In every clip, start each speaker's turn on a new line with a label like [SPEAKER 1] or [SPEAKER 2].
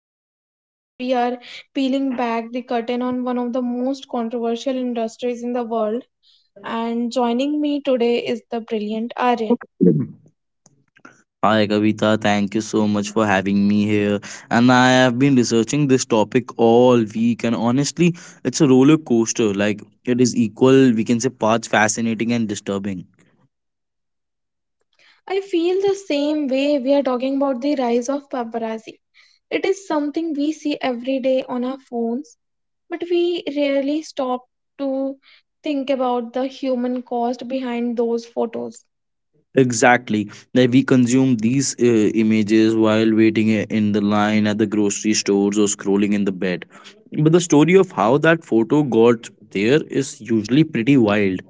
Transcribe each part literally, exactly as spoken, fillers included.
[SPEAKER 1] session because we are peeling back the curtain on one of the most controversial industries in the world. And joining me today is the brilliant Aryan.
[SPEAKER 2] And I have been researching this topic all week and honestly disturbing.
[SPEAKER 1] I feel the same way. We are talking about the rise of paparazzi. It is something we see every day on our phones, but we rarely stop to think about the human cost behind those photos.
[SPEAKER 2] Exactly. That we consume these uh, images while waiting i- in the line at the grocery stores or scrolling in the bed. But the story of how that photo got there is usually pretty wild.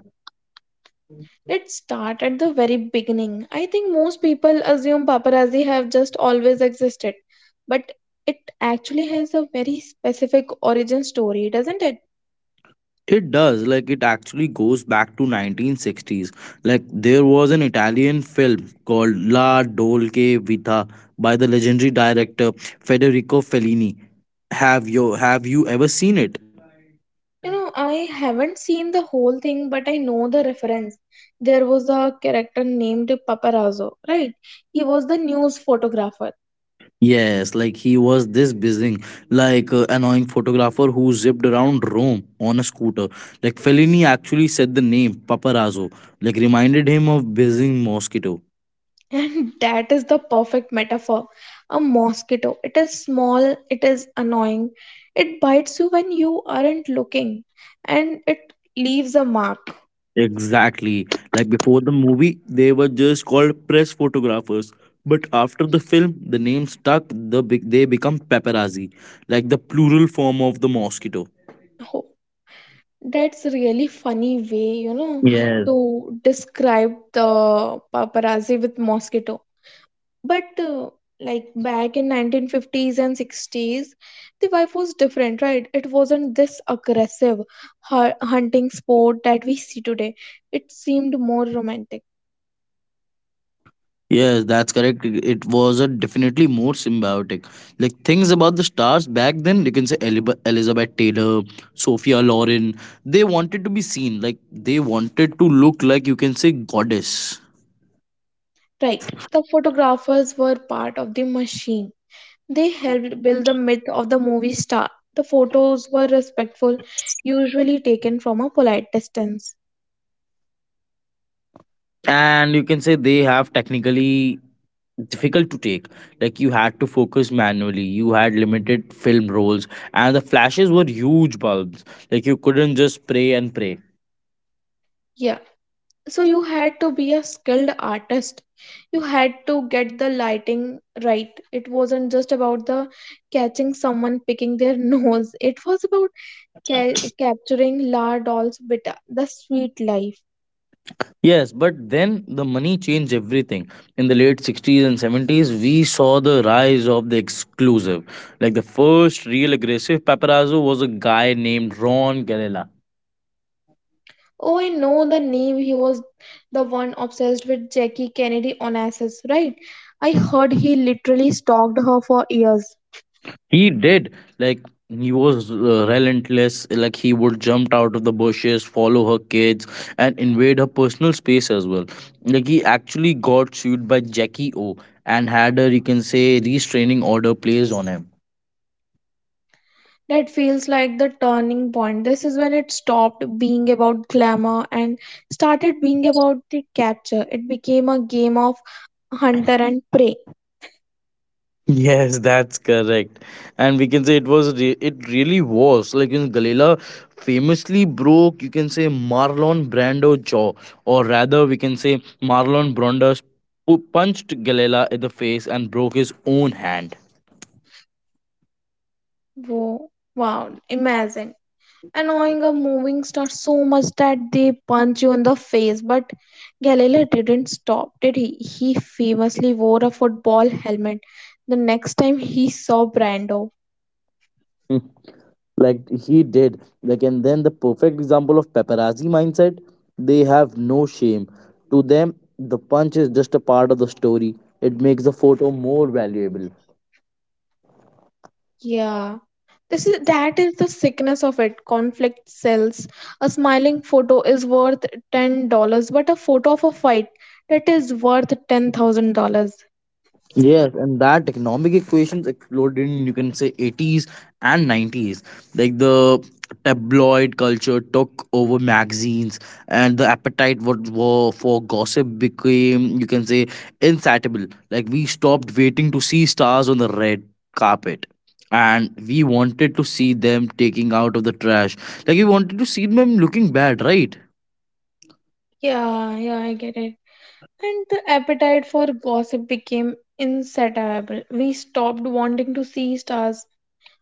[SPEAKER 1] Let's start at the very beginning. I think most people assume paparazzi have just always existed, but it actually has a very specific origin story, doesn't it?
[SPEAKER 2] It does. Like it actually goes back to nineteen sixties. Like there was an Italian film called La Dolce Vita by the legendary director Federico Fellini. Have you have you ever seen it?
[SPEAKER 1] You know, I haven't seen the whole thing, but I know the reference. There was a character named Paparazzo, right? He was the news photographer.
[SPEAKER 2] Yes, like he was this buzzing, like uh, annoying photographer who zipped around Rome on a scooter. Like Fellini actually said the name paparazzo, like reminded him of buzzing mosquito.
[SPEAKER 1] And that is the perfect metaphor. A mosquito. It is small, it is annoying. It bites you when you aren't looking and it leaves a mark.
[SPEAKER 2] Exactly. Like before the movie, they were just called press photographers. But after the film, the name stuck. The big they become paparazzi, like the plural form of the mosquito.
[SPEAKER 1] Ho- That's really funny way, you know,
[SPEAKER 2] Yes.
[SPEAKER 1] to describe the paparazzi with mosquito. But uh, like back in nineteen fifties and sixties, the wife was different, right? It wasn't this aggressive hu- hunting sport that we see today. It seemed more romantic.
[SPEAKER 2] Yes, that's correct. It it was a definitely more symbiotic. Like things about the stars back then, you can say Elib- Elizabeth Taylor, Sophia Loren. They wanted to be seen. Like they wanted to look like you can say goddess.
[SPEAKER 1] Right. The photographers were part of the machine. They helped build the myth of the movie star. The photos were respectful, usually taken from a polite distance.
[SPEAKER 2] And you can say they have technically difficult to take, like you had to focus manually, you had limited film rolls, and the flashes were huge bulbs. Like you couldn't just pray and pray.
[SPEAKER 1] Yeah. So you had to be a skilled artist. You had to get the lighting right. It wasn't just about the catching someone picking their nose. It was about ca- capturing La Doll's Vita, the sweet life.
[SPEAKER 2] Yes, but then the money changed everything. In the late sixties and seventies, we saw the rise of the exclusive. Like the first real aggressive paparazzo was a guy named Ron Galella.
[SPEAKER 1] Oh, I know the name. He was the one obsessed with Jackie Kennedy Onassis, right? I heard he literally stalked her for years.
[SPEAKER 2] He did. Like he was uh, relentless. Like he would jump out of the bushes, follow her kids, and invade her personal space as well. Like he actually got sued by Jackie O and had a you can say restraining order placed on him.
[SPEAKER 1] That feels like the turning point. This is when it stopped being about glamour and started being about the capture. It became a game of hunter and prey.
[SPEAKER 2] Yes, that's correct. And we can say it was re- it really was, like in Galila famously broke you can say Marlon Brando jaw, or rather we can say Marlon Brando who punched Galila in the face and broke his own hand.
[SPEAKER 1] Whoa, wow, imagine. Annoying a moving star so much that they punch you in the face. But Galileo didn't stop, did he? He famously wore a football helmet the next time he saw Brando.
[SPEAKER 2] Mm, like he did. Like and then the perfect example of paparazzi mindset, they have no shame. To them, the punch is just a part of the story. It makes the photo more valuable.
[SPEAKER 1] Yeah. This is that is the sickness of it. Conflict sells. A smiling photo is worth ten dollars, but a photo of a fight, that is worth ten thousand dollars.
[SPEAKER 2] Yes, and that economic equations exploded in you can say eighties and nineties. Like the tabloid culture took over magazines, and the appetite what were for gossip became you can say insatiable. Like we stopped waiting to see stars on the red carpet, and we wanted to see them taking out of the trash. Like you wanted to see them looking bad, right?
[SPEAKER 1] Yeah, yeah, I get it. And the appetite for gossip became insatiable. We stopped wanting to see stars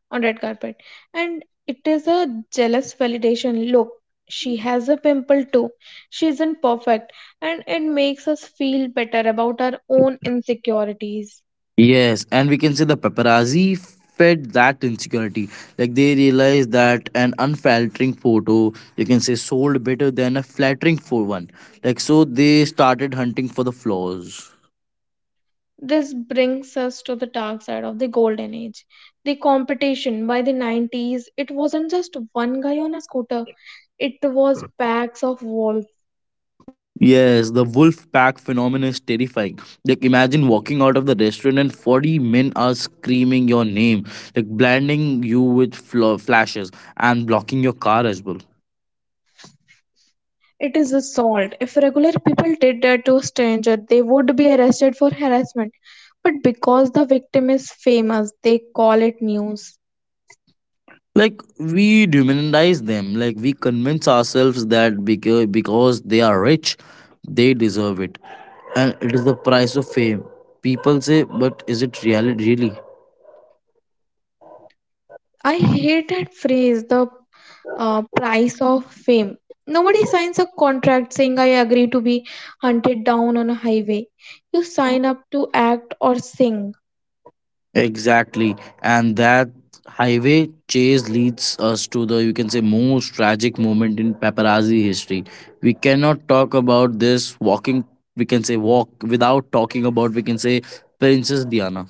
[SPEAKER 1] on red carpet. And it is a jealous validation. Look, she has a pimple too. She isn't perfect. And it makes us feel better about our own insecurities.
[SPEAKER 2] Yes, and we can say the paparazzi fed that insecurity. Like they realized that an unflattering photo, you can say, sold better than a flattering for one. Like so, they started hunting for the flaws.
[SPEAKER 1] This brings us to the dark side of the golden age. The competition by the nineties, it wasn't just one guy on a scooter, it was packs of.
[SPEAKER 2] Yes, the wolf pack phenomenon is terrifying. Like, imagine walking out of the restaurant and forty men are screaming your name, like blinding you with fl- flashes and blocking your car as well.
[SPEAKER 1] It is assault. If regular people did that to a stranger, they would be arrested for harassment. But because the victim is famous, they call it news.
[SPEAKER 2] Like, we demonize them. Like, we convince ourselves that because, because they are rich, they deserve it. And it is the price of fame. People say, but is it reality really?
[SPEAKER 1] I hate that phrase, the uh, price of fame. Nobody signs a contract saying I agree to be hunted down on a highway. You sign up to act or sing.
[SPEAKER 2] Exactly. And that highway chase leads us to the, you can say, most tragic moment in paparazzi history. We cannot talk about this walking, we can say, walk without talking about, we can say, Princess Diana.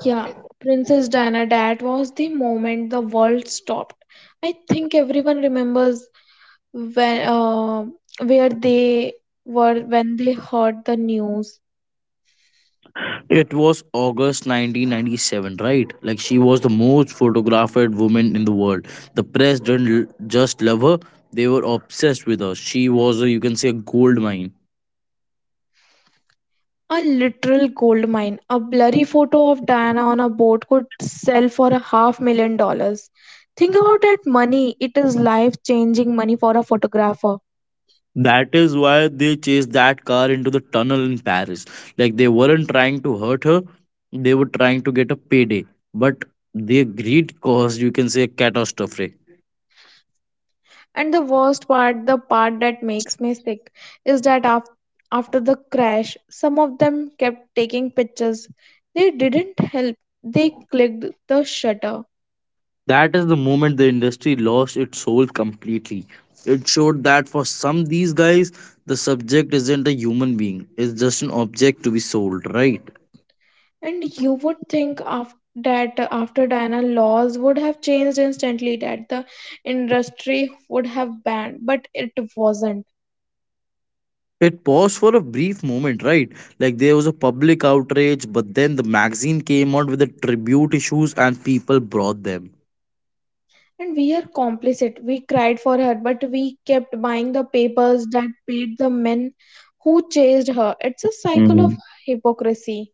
[SPEAKER 1] Yeah, Princess Diana, that was the moment the world stopped. I think everyone remembers when uh, where they were when they heard the news.
[SPEAKER 2] It was August nineteen ninety-seven, right? Like she was the most photographed woman in the world. The press didn't l- just love her, they were obsessed with her. She was a, you can say, a gold mine.
[SPEAKER 1] A literal gold mine. A blurry photo of Diana on a boat could sell for a half million dollars. Think about that money. It is life changing money for a photographer.
[SPEAKER 2] That is why they chased that car into the tunnel in Paris. Like they weren't trying to hurt her, they were trying to get a payday. But their greed caused, you can say, a catastrophe.
[SPEAKER 1] And the worst part, the part that makes me sick, is that after after the crash, some of them kept taking pictures. They didn't help. They clicked the shutter.
[SPEAKER 2] That is the moment the industry lost its soul completely. It showed that for some these guys, the subject isn't a human being, it's just an object to be sold, right?
[SPEAKER 1] And you would think af- that after Diana, laws would have changed instantly, that the industry would have banned, but it wasn't.
[SPEAKER 2] It paused for a brief moment, right? Like there was a public outrage, but then the magazine came out with the tribute issues and people brought them.
[SPEAKER 1] And we are complicit. We cried for her, but we kept buying the papers that paid the men who chased her. It's a cycle of
[SPEAKER 2] Mhm.
[SPEAKER 1] hypocrisy.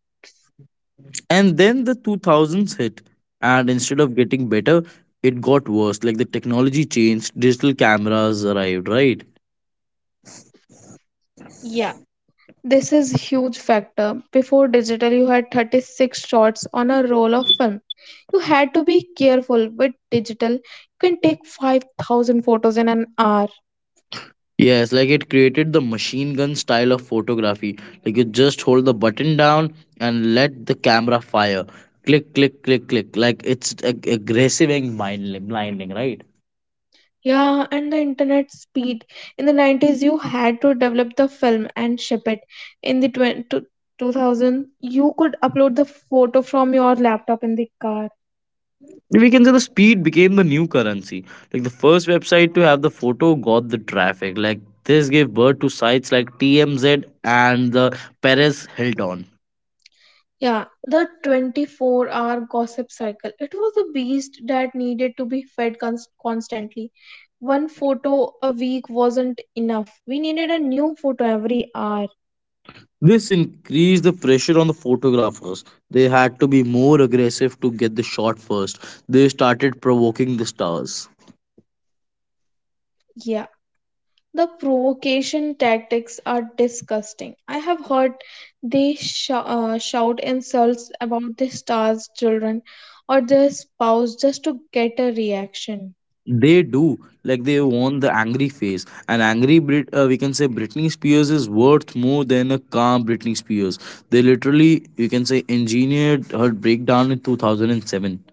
[SPEAKER 2] And then the two thousands hit, and instead of getting better, it got worse. Like the technology changed, digital cameras arrived, right?
[SPEAKER 1] Yeah, this is huge factor. Before digital, you had thirty-six shots on a roll of film. You had to be careful with digital. You can take five thousand photos in an hour.
[SPEAKER 2] Yes, like it created the machine gun style of photography. Like you just hold the button down and let the camera fire. Click, click, click, click. Like it's ag- aggressive and mind blinding, right?
[SPEAKER 1] Yeah, and the internet speed. In the nineties, you had to develop the film and ship it. In the twen two 2000, you could upload the photo from your laptop in the car.
[SPEAKER 2] We can say the speed became the new currency. Like the first website to have the photo got the traffic. Like this gave birth to sites like T M Z and the Perez Hilton.
[SPEAKER 1] Yeah, the twenty-four hour gossip cycle. It was a beast that needed to be fed cons- constantly. One photo a week wasn't enough. We needed a new photo every hour.
[SPEAKER 2] This increased the pressure on the photographers. They had to be more aggressive to get the shot first. They started provoking the stars.
[SPEAKER 1] Yeah. The provocation tactics are disgusting. I have heard they sh- uh, shout insults about the star's children or their spouse just to get a reaction.
[SPEAKER 2] They do, like they want the angry face. An angry Brit, uh, we can say Britney Spears is worth more than a calm Britney Spears. They literally, you can say, engineered her breakdown in two thousand seven.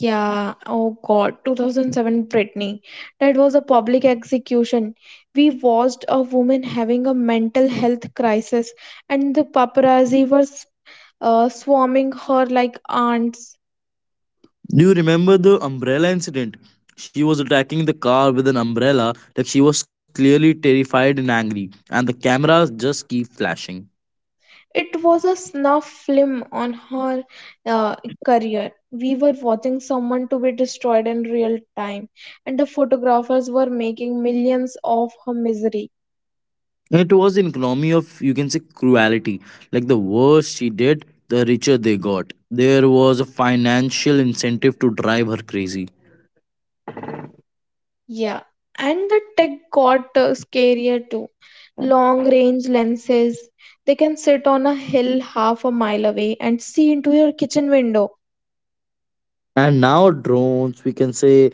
[SPEAKER 1] Yeah, oh god, twenty oh seven Britney. That was a public execution. We watched a woman having a mental health crisis, and the paparazzi was uh, swarming her like ants.
[SPEAKER 2] Do you remember the umbrella incident? She was attacking the car with an umbrella, like she was clearly terrified and angry, and the cameras just keep flashing.
[SPEAKER 1] It was a snuff film on her uh, career. We were watching someone to be destroyed in real time, and the photographers were making millions of her misery.
[SPEAKER 2] It was an economy of, you can say, cruelty. Like the worse she did, the richer they got. There was a financial incentive to drive her crazy.
[SPEAKER 1] Yeah, and the tech got uh, scarier too. Long range lenses, they can sit on a hill half a mile away and see into your kitchen window.
[SPEAKER 2] And now, drones, we can say,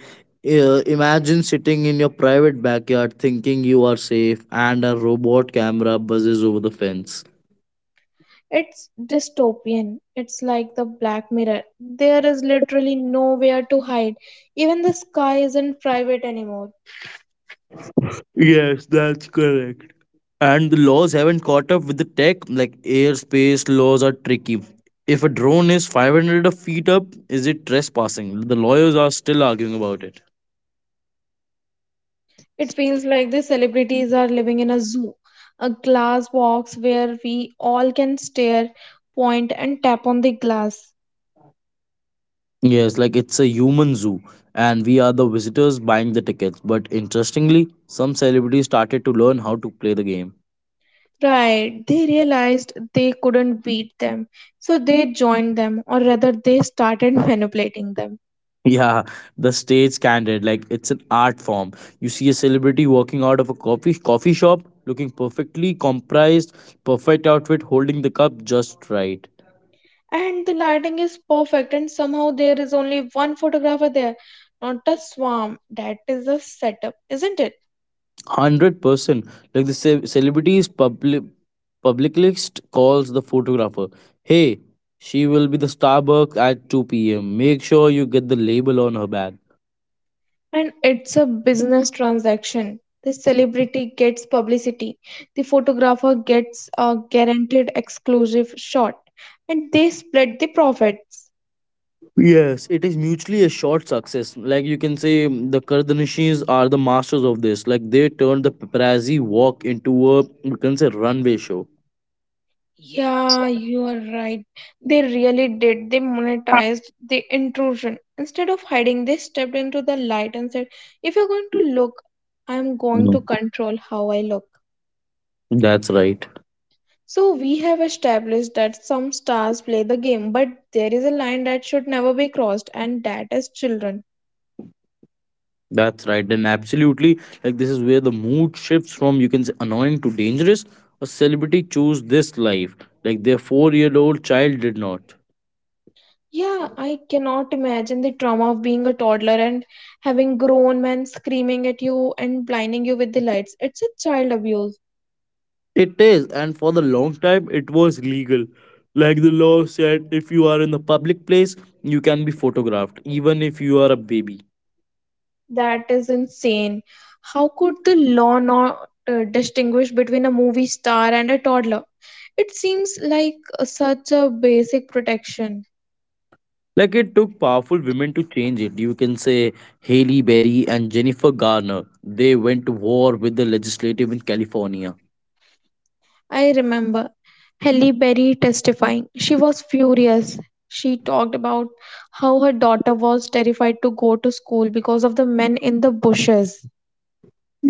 [SPEAKER 2] uh, imagine sitting in your private backyard thinking you are safe, and a robot camera buzzes over the fence.
[SPEAKER 1] It's dystopian. It's like the Black Mirror. There is literally nowhere to hide. Even the sky isn't private anymore.
[SPEAKER 2] Yes, that's correct. And the laws haven't caught up with the tech. Like airspace laws are tricky. If a drone is five hundred feet up, is it trespassing? The lawyers are still arguing about it.
[SPEAKER 1] It feels like the celebrities are living in a zoo, a glass box where we all can stare, point, and tap on the glass.
[SPEAKER 2] Yes, like it's a human zoo, and we are the visitors buying the tickets. But interestingly, some celebrities started to learn how to play the game.
[SPEAKER 1] Right, they realized they couldn't beat them, so they joined them, or rather, they started manipulating them.
[SPEAKER 2] Yeah, the stage candid, like it's an art form. You see a celebrity walking out of a coffee coffee shop, looking perfectly comprised, perfect outfit, holding the cup just right.
[SPEAKER 1] And the lighting is perfect, and somehow there is only one photographer there, not a swarm. That is a setup, isn't it?
[SPEAKER 2] one hundred percent like the ce- celebrities public publicist calls the photographer, hey, she will be the starbucks at two p.m, make sure you get the label on her bag.
[SPEAKER 1] And it's a business transaction. The celebrity gets publicity, the photographer gets a guaranteed exclusive shot, and they split the profits.
[SPEAKER 2] Yes, it is mutually assured success, like you can say mm, the kardanishis are the masters of this. Like they turned the paparazzi walk into a you can say runway show.
[SPEAKER 1] Yeah, you are right. They really did. They monetized the intrusion. Instead of hiding, they stepped into the light and said, if you're going to look, I'm going to
[SPEAKER 2] Mm.
[SPEAKER 1] control how I look.
[SPEAKER 2] That's right.
[SPEAKER 1] So we have established that some stars play the game, but there is a line that should never be crossed, and that is children.
[SPEAKER 2] That's right. Then absolutely, like this is where the mood shifts from you can say annoying to dangerous. A celebrity chose this life, like their four-year-old child did not.
[SPEAKER 1] Yeah, I cannot imagine the trauma of being a toddler and having grown men screaming at you and blinding you with the lights. It's a child abuse.
[SPEAKER 2] It is, and for the long time, it was legal. Like the law said, if you are in the public place, you can be photographed, even if you are a baby.
[SPEAKER 1] That is insane. How could the law not uh, distinguish between a movie star and a toddler? It seems like uh, such a basic protection.
[SPEAKER 2] Like it took powerful women to change it. You can say Haley Berry and Jennifer Garner. They went to war with the legislative in California.
[SPEAKER 1] I remember Halle Berry testifying. She was furious. She talked about how her daughter was terrified to go to school because of the men in the bushes.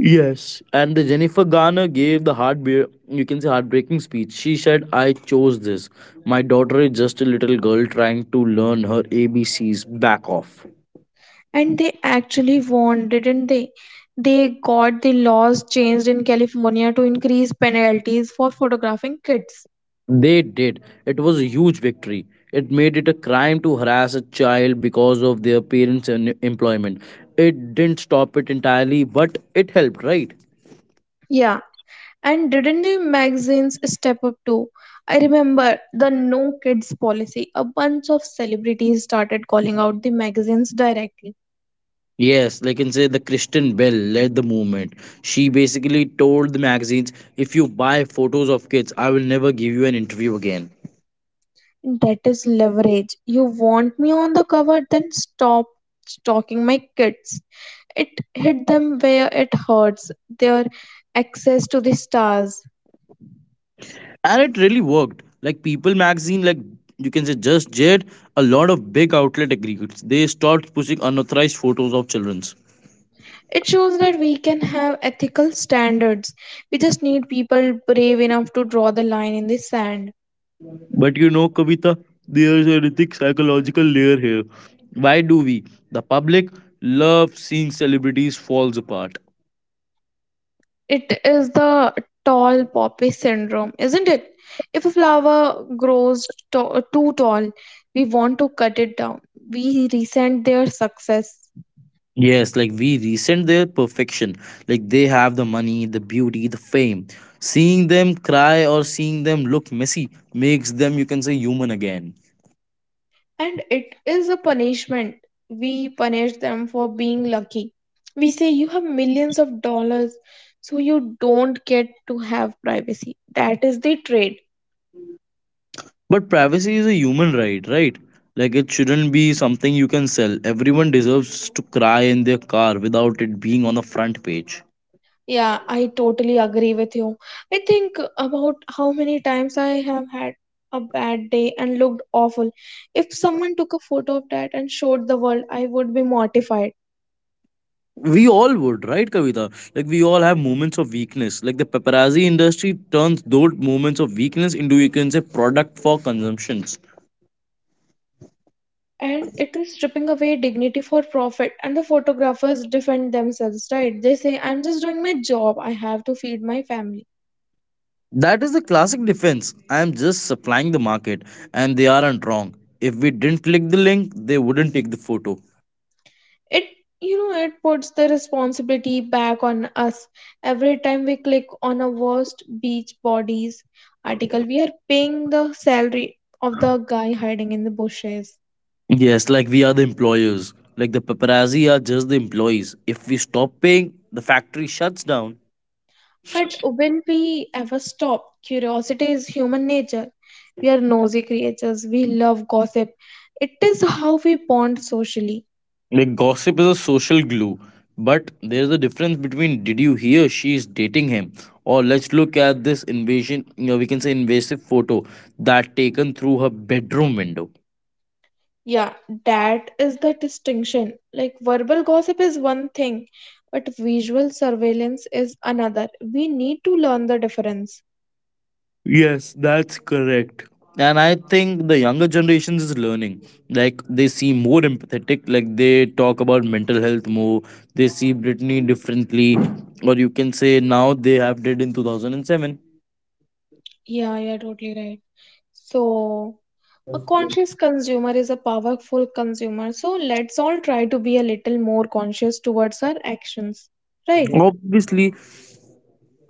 [SPEAKER 2] Yes, and the Jennifer Garner gave the heartbe you can say heartbreaking speech. She said, "I chose this. My daughter is just a little girl trying to learn her A B C's. Back off."
[SPEAKER 1] And they actually won, didn't they? They got the laws changed in California to increase penalties for photographing kids.
[SPEAKER 2] They did. It was a huge victory. It made it a crime to harass a child because of their parents' en- employment. It didn't stop it entirely, but it helped, right?
[SPEAKER 1] Yeah, and didn't the magazines step up too? I remember the No Kids policy. A bunch of celebrities started calling out the magazines directly.
[SPEAKER 2] Yes, like can say the Kristen Bell led the movement. She basically told the magazines, if you buy photos of kids, I will never give you an interview again.
[SPEAKER 1] That is leverage. You want me on the cover, then stop stalking my kids. It hit them where it hurts, their access to the stars.
[SPEAKER 2] And it really worked. Like People magazine, like you can say Just Jade, a lot of big outlet agreed. They stopped pushing unauthorized photos of children's.
[SPEAKER 1] It shows that we can have ethical standards. We just need people brave enough to draw the line in the sand.
[SPEAKER 2] But you know, Kavita, there's an ethic psychological layer here. Why do we, the public, love seeing celebrities falls apart?
[SPEAKER 1] It is the tall poppy syndrome, isn't it? If a flower grows to- too tall, we want to cut it down. We resent their success.
[SPEAKER 2] Yes, like we resent their perfection. Like they have the money, the beauty, the fame. Seeing them cry or seeing them look messy makes them, you can say, human again.
[SPEAKER 1] And it is a punishment. We punish them for being lucky. We say, you have millions of dollars, so you don't get to have privacy. That is the trade.
[SPEAKER 2] But privacy is a human right, right? Like it shouldn't be something you can sell. Everyone deserves to cry in their car without it being on the front page.
[SPEAKER 1] Yeah, I totally agree with you. I think about how many times I have had a bad day and looked awful. If someone took a photo of that and showed the world, I would be mortified.
[SPEAKER 2] We all would, right, Kavita? Like we all have moments of weakness. Like the paparazzi industry turns those moments of weakness into, you can say, product for consumption.
[SPEAKER 1] And it is stripping away dignity for profit. And the photographers defend themselves, right? They say, I'm just doing my job. I have to feed my family.
[SPEAKER 2] That is the classic defense. I am just supplying the market, and they aren't wrong. If we didn't click the link, they wouldn't take the photo.
[SPEAKER 1] It, you know it puts the responsibility back on us. Every time we click on a worst beach bodies article, we are paying the salary of the guy hiding in the bushes.
[SPEAKER 2] Yes, like we are the employers. Like the paparazzi are just the employees. If we stop paying, the factory shuts down.
[SPEAKER 1] But will we ever stop? Curiosity is human nature. We are nosy creatures, we love gossip. It is how we bond socially.
[SPEAKER 2] Like gossip is a social glue. But there's a difference between did you hear she is dating him? Or let's look at this invasion, you know, we can say invasive photo that taken through her bedroom window.
[SPEAKER 1] Yeah, that is the distinction. Like verbal gossip is one thing, but visual surveillance is another. We need to learn the difference.
[SPEAKER 2] Yes, that's correct. And I think the younger generations is learning. Like they seem more empathetic, like they talk about mental health more, they see Britney differently, or you can say now they have did in two thousand seven.
[SPEAKER 1] Yeah, you're totally right. So, a conscious consumer is a powerful consumer. So, let's all try to be a little more conscious towards our actions. Right?
[SPEAKER 2] Obviously.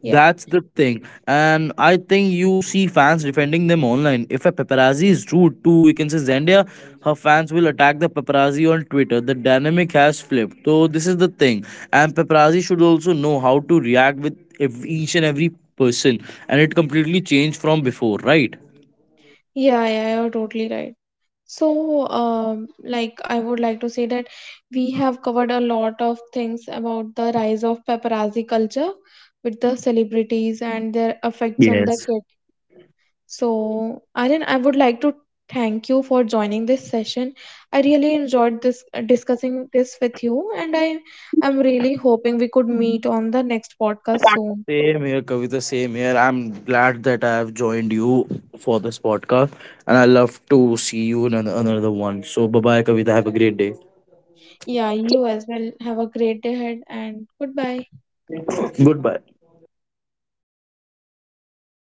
[SPEAKER 1] Yeah.
[SPEAKER 2] That's the thing. And I think you see fans defending them online. If a paparazzi is rude to, we can say Zendaya, her fans will attack the paparazzi on Twitter. The dynamic has flipped. So this is the thing. And paparazzi should also know how to react with ev- each and every person. And it completely changed from before, right?
[SPEAKER 1] Yeah, yeah, you're totally right. So, um, like I would like to say that we have covered a lot of things about the rise of paparazzi culture with the celebrities and their effects on the
[SPEAKER 2] Yes.
[SPEAKER 1] kid. So, Aryan, I would like to thank you for joining this session. I really enjoyed this uh, discussing this with you, and I I'm really hoping we could meet on the next podcast soon.
[SPEAKER 2] Same here, Kavita. Same here. I'm glad that I have joined you for this podcast. And I love to see you in an- another one. So bye bye, Kavita. Have a great day.
[SPEAKER 1] Yeah, you as well. Have a great day ahead and goodbye.
[SPEAKER 2] Goodbye.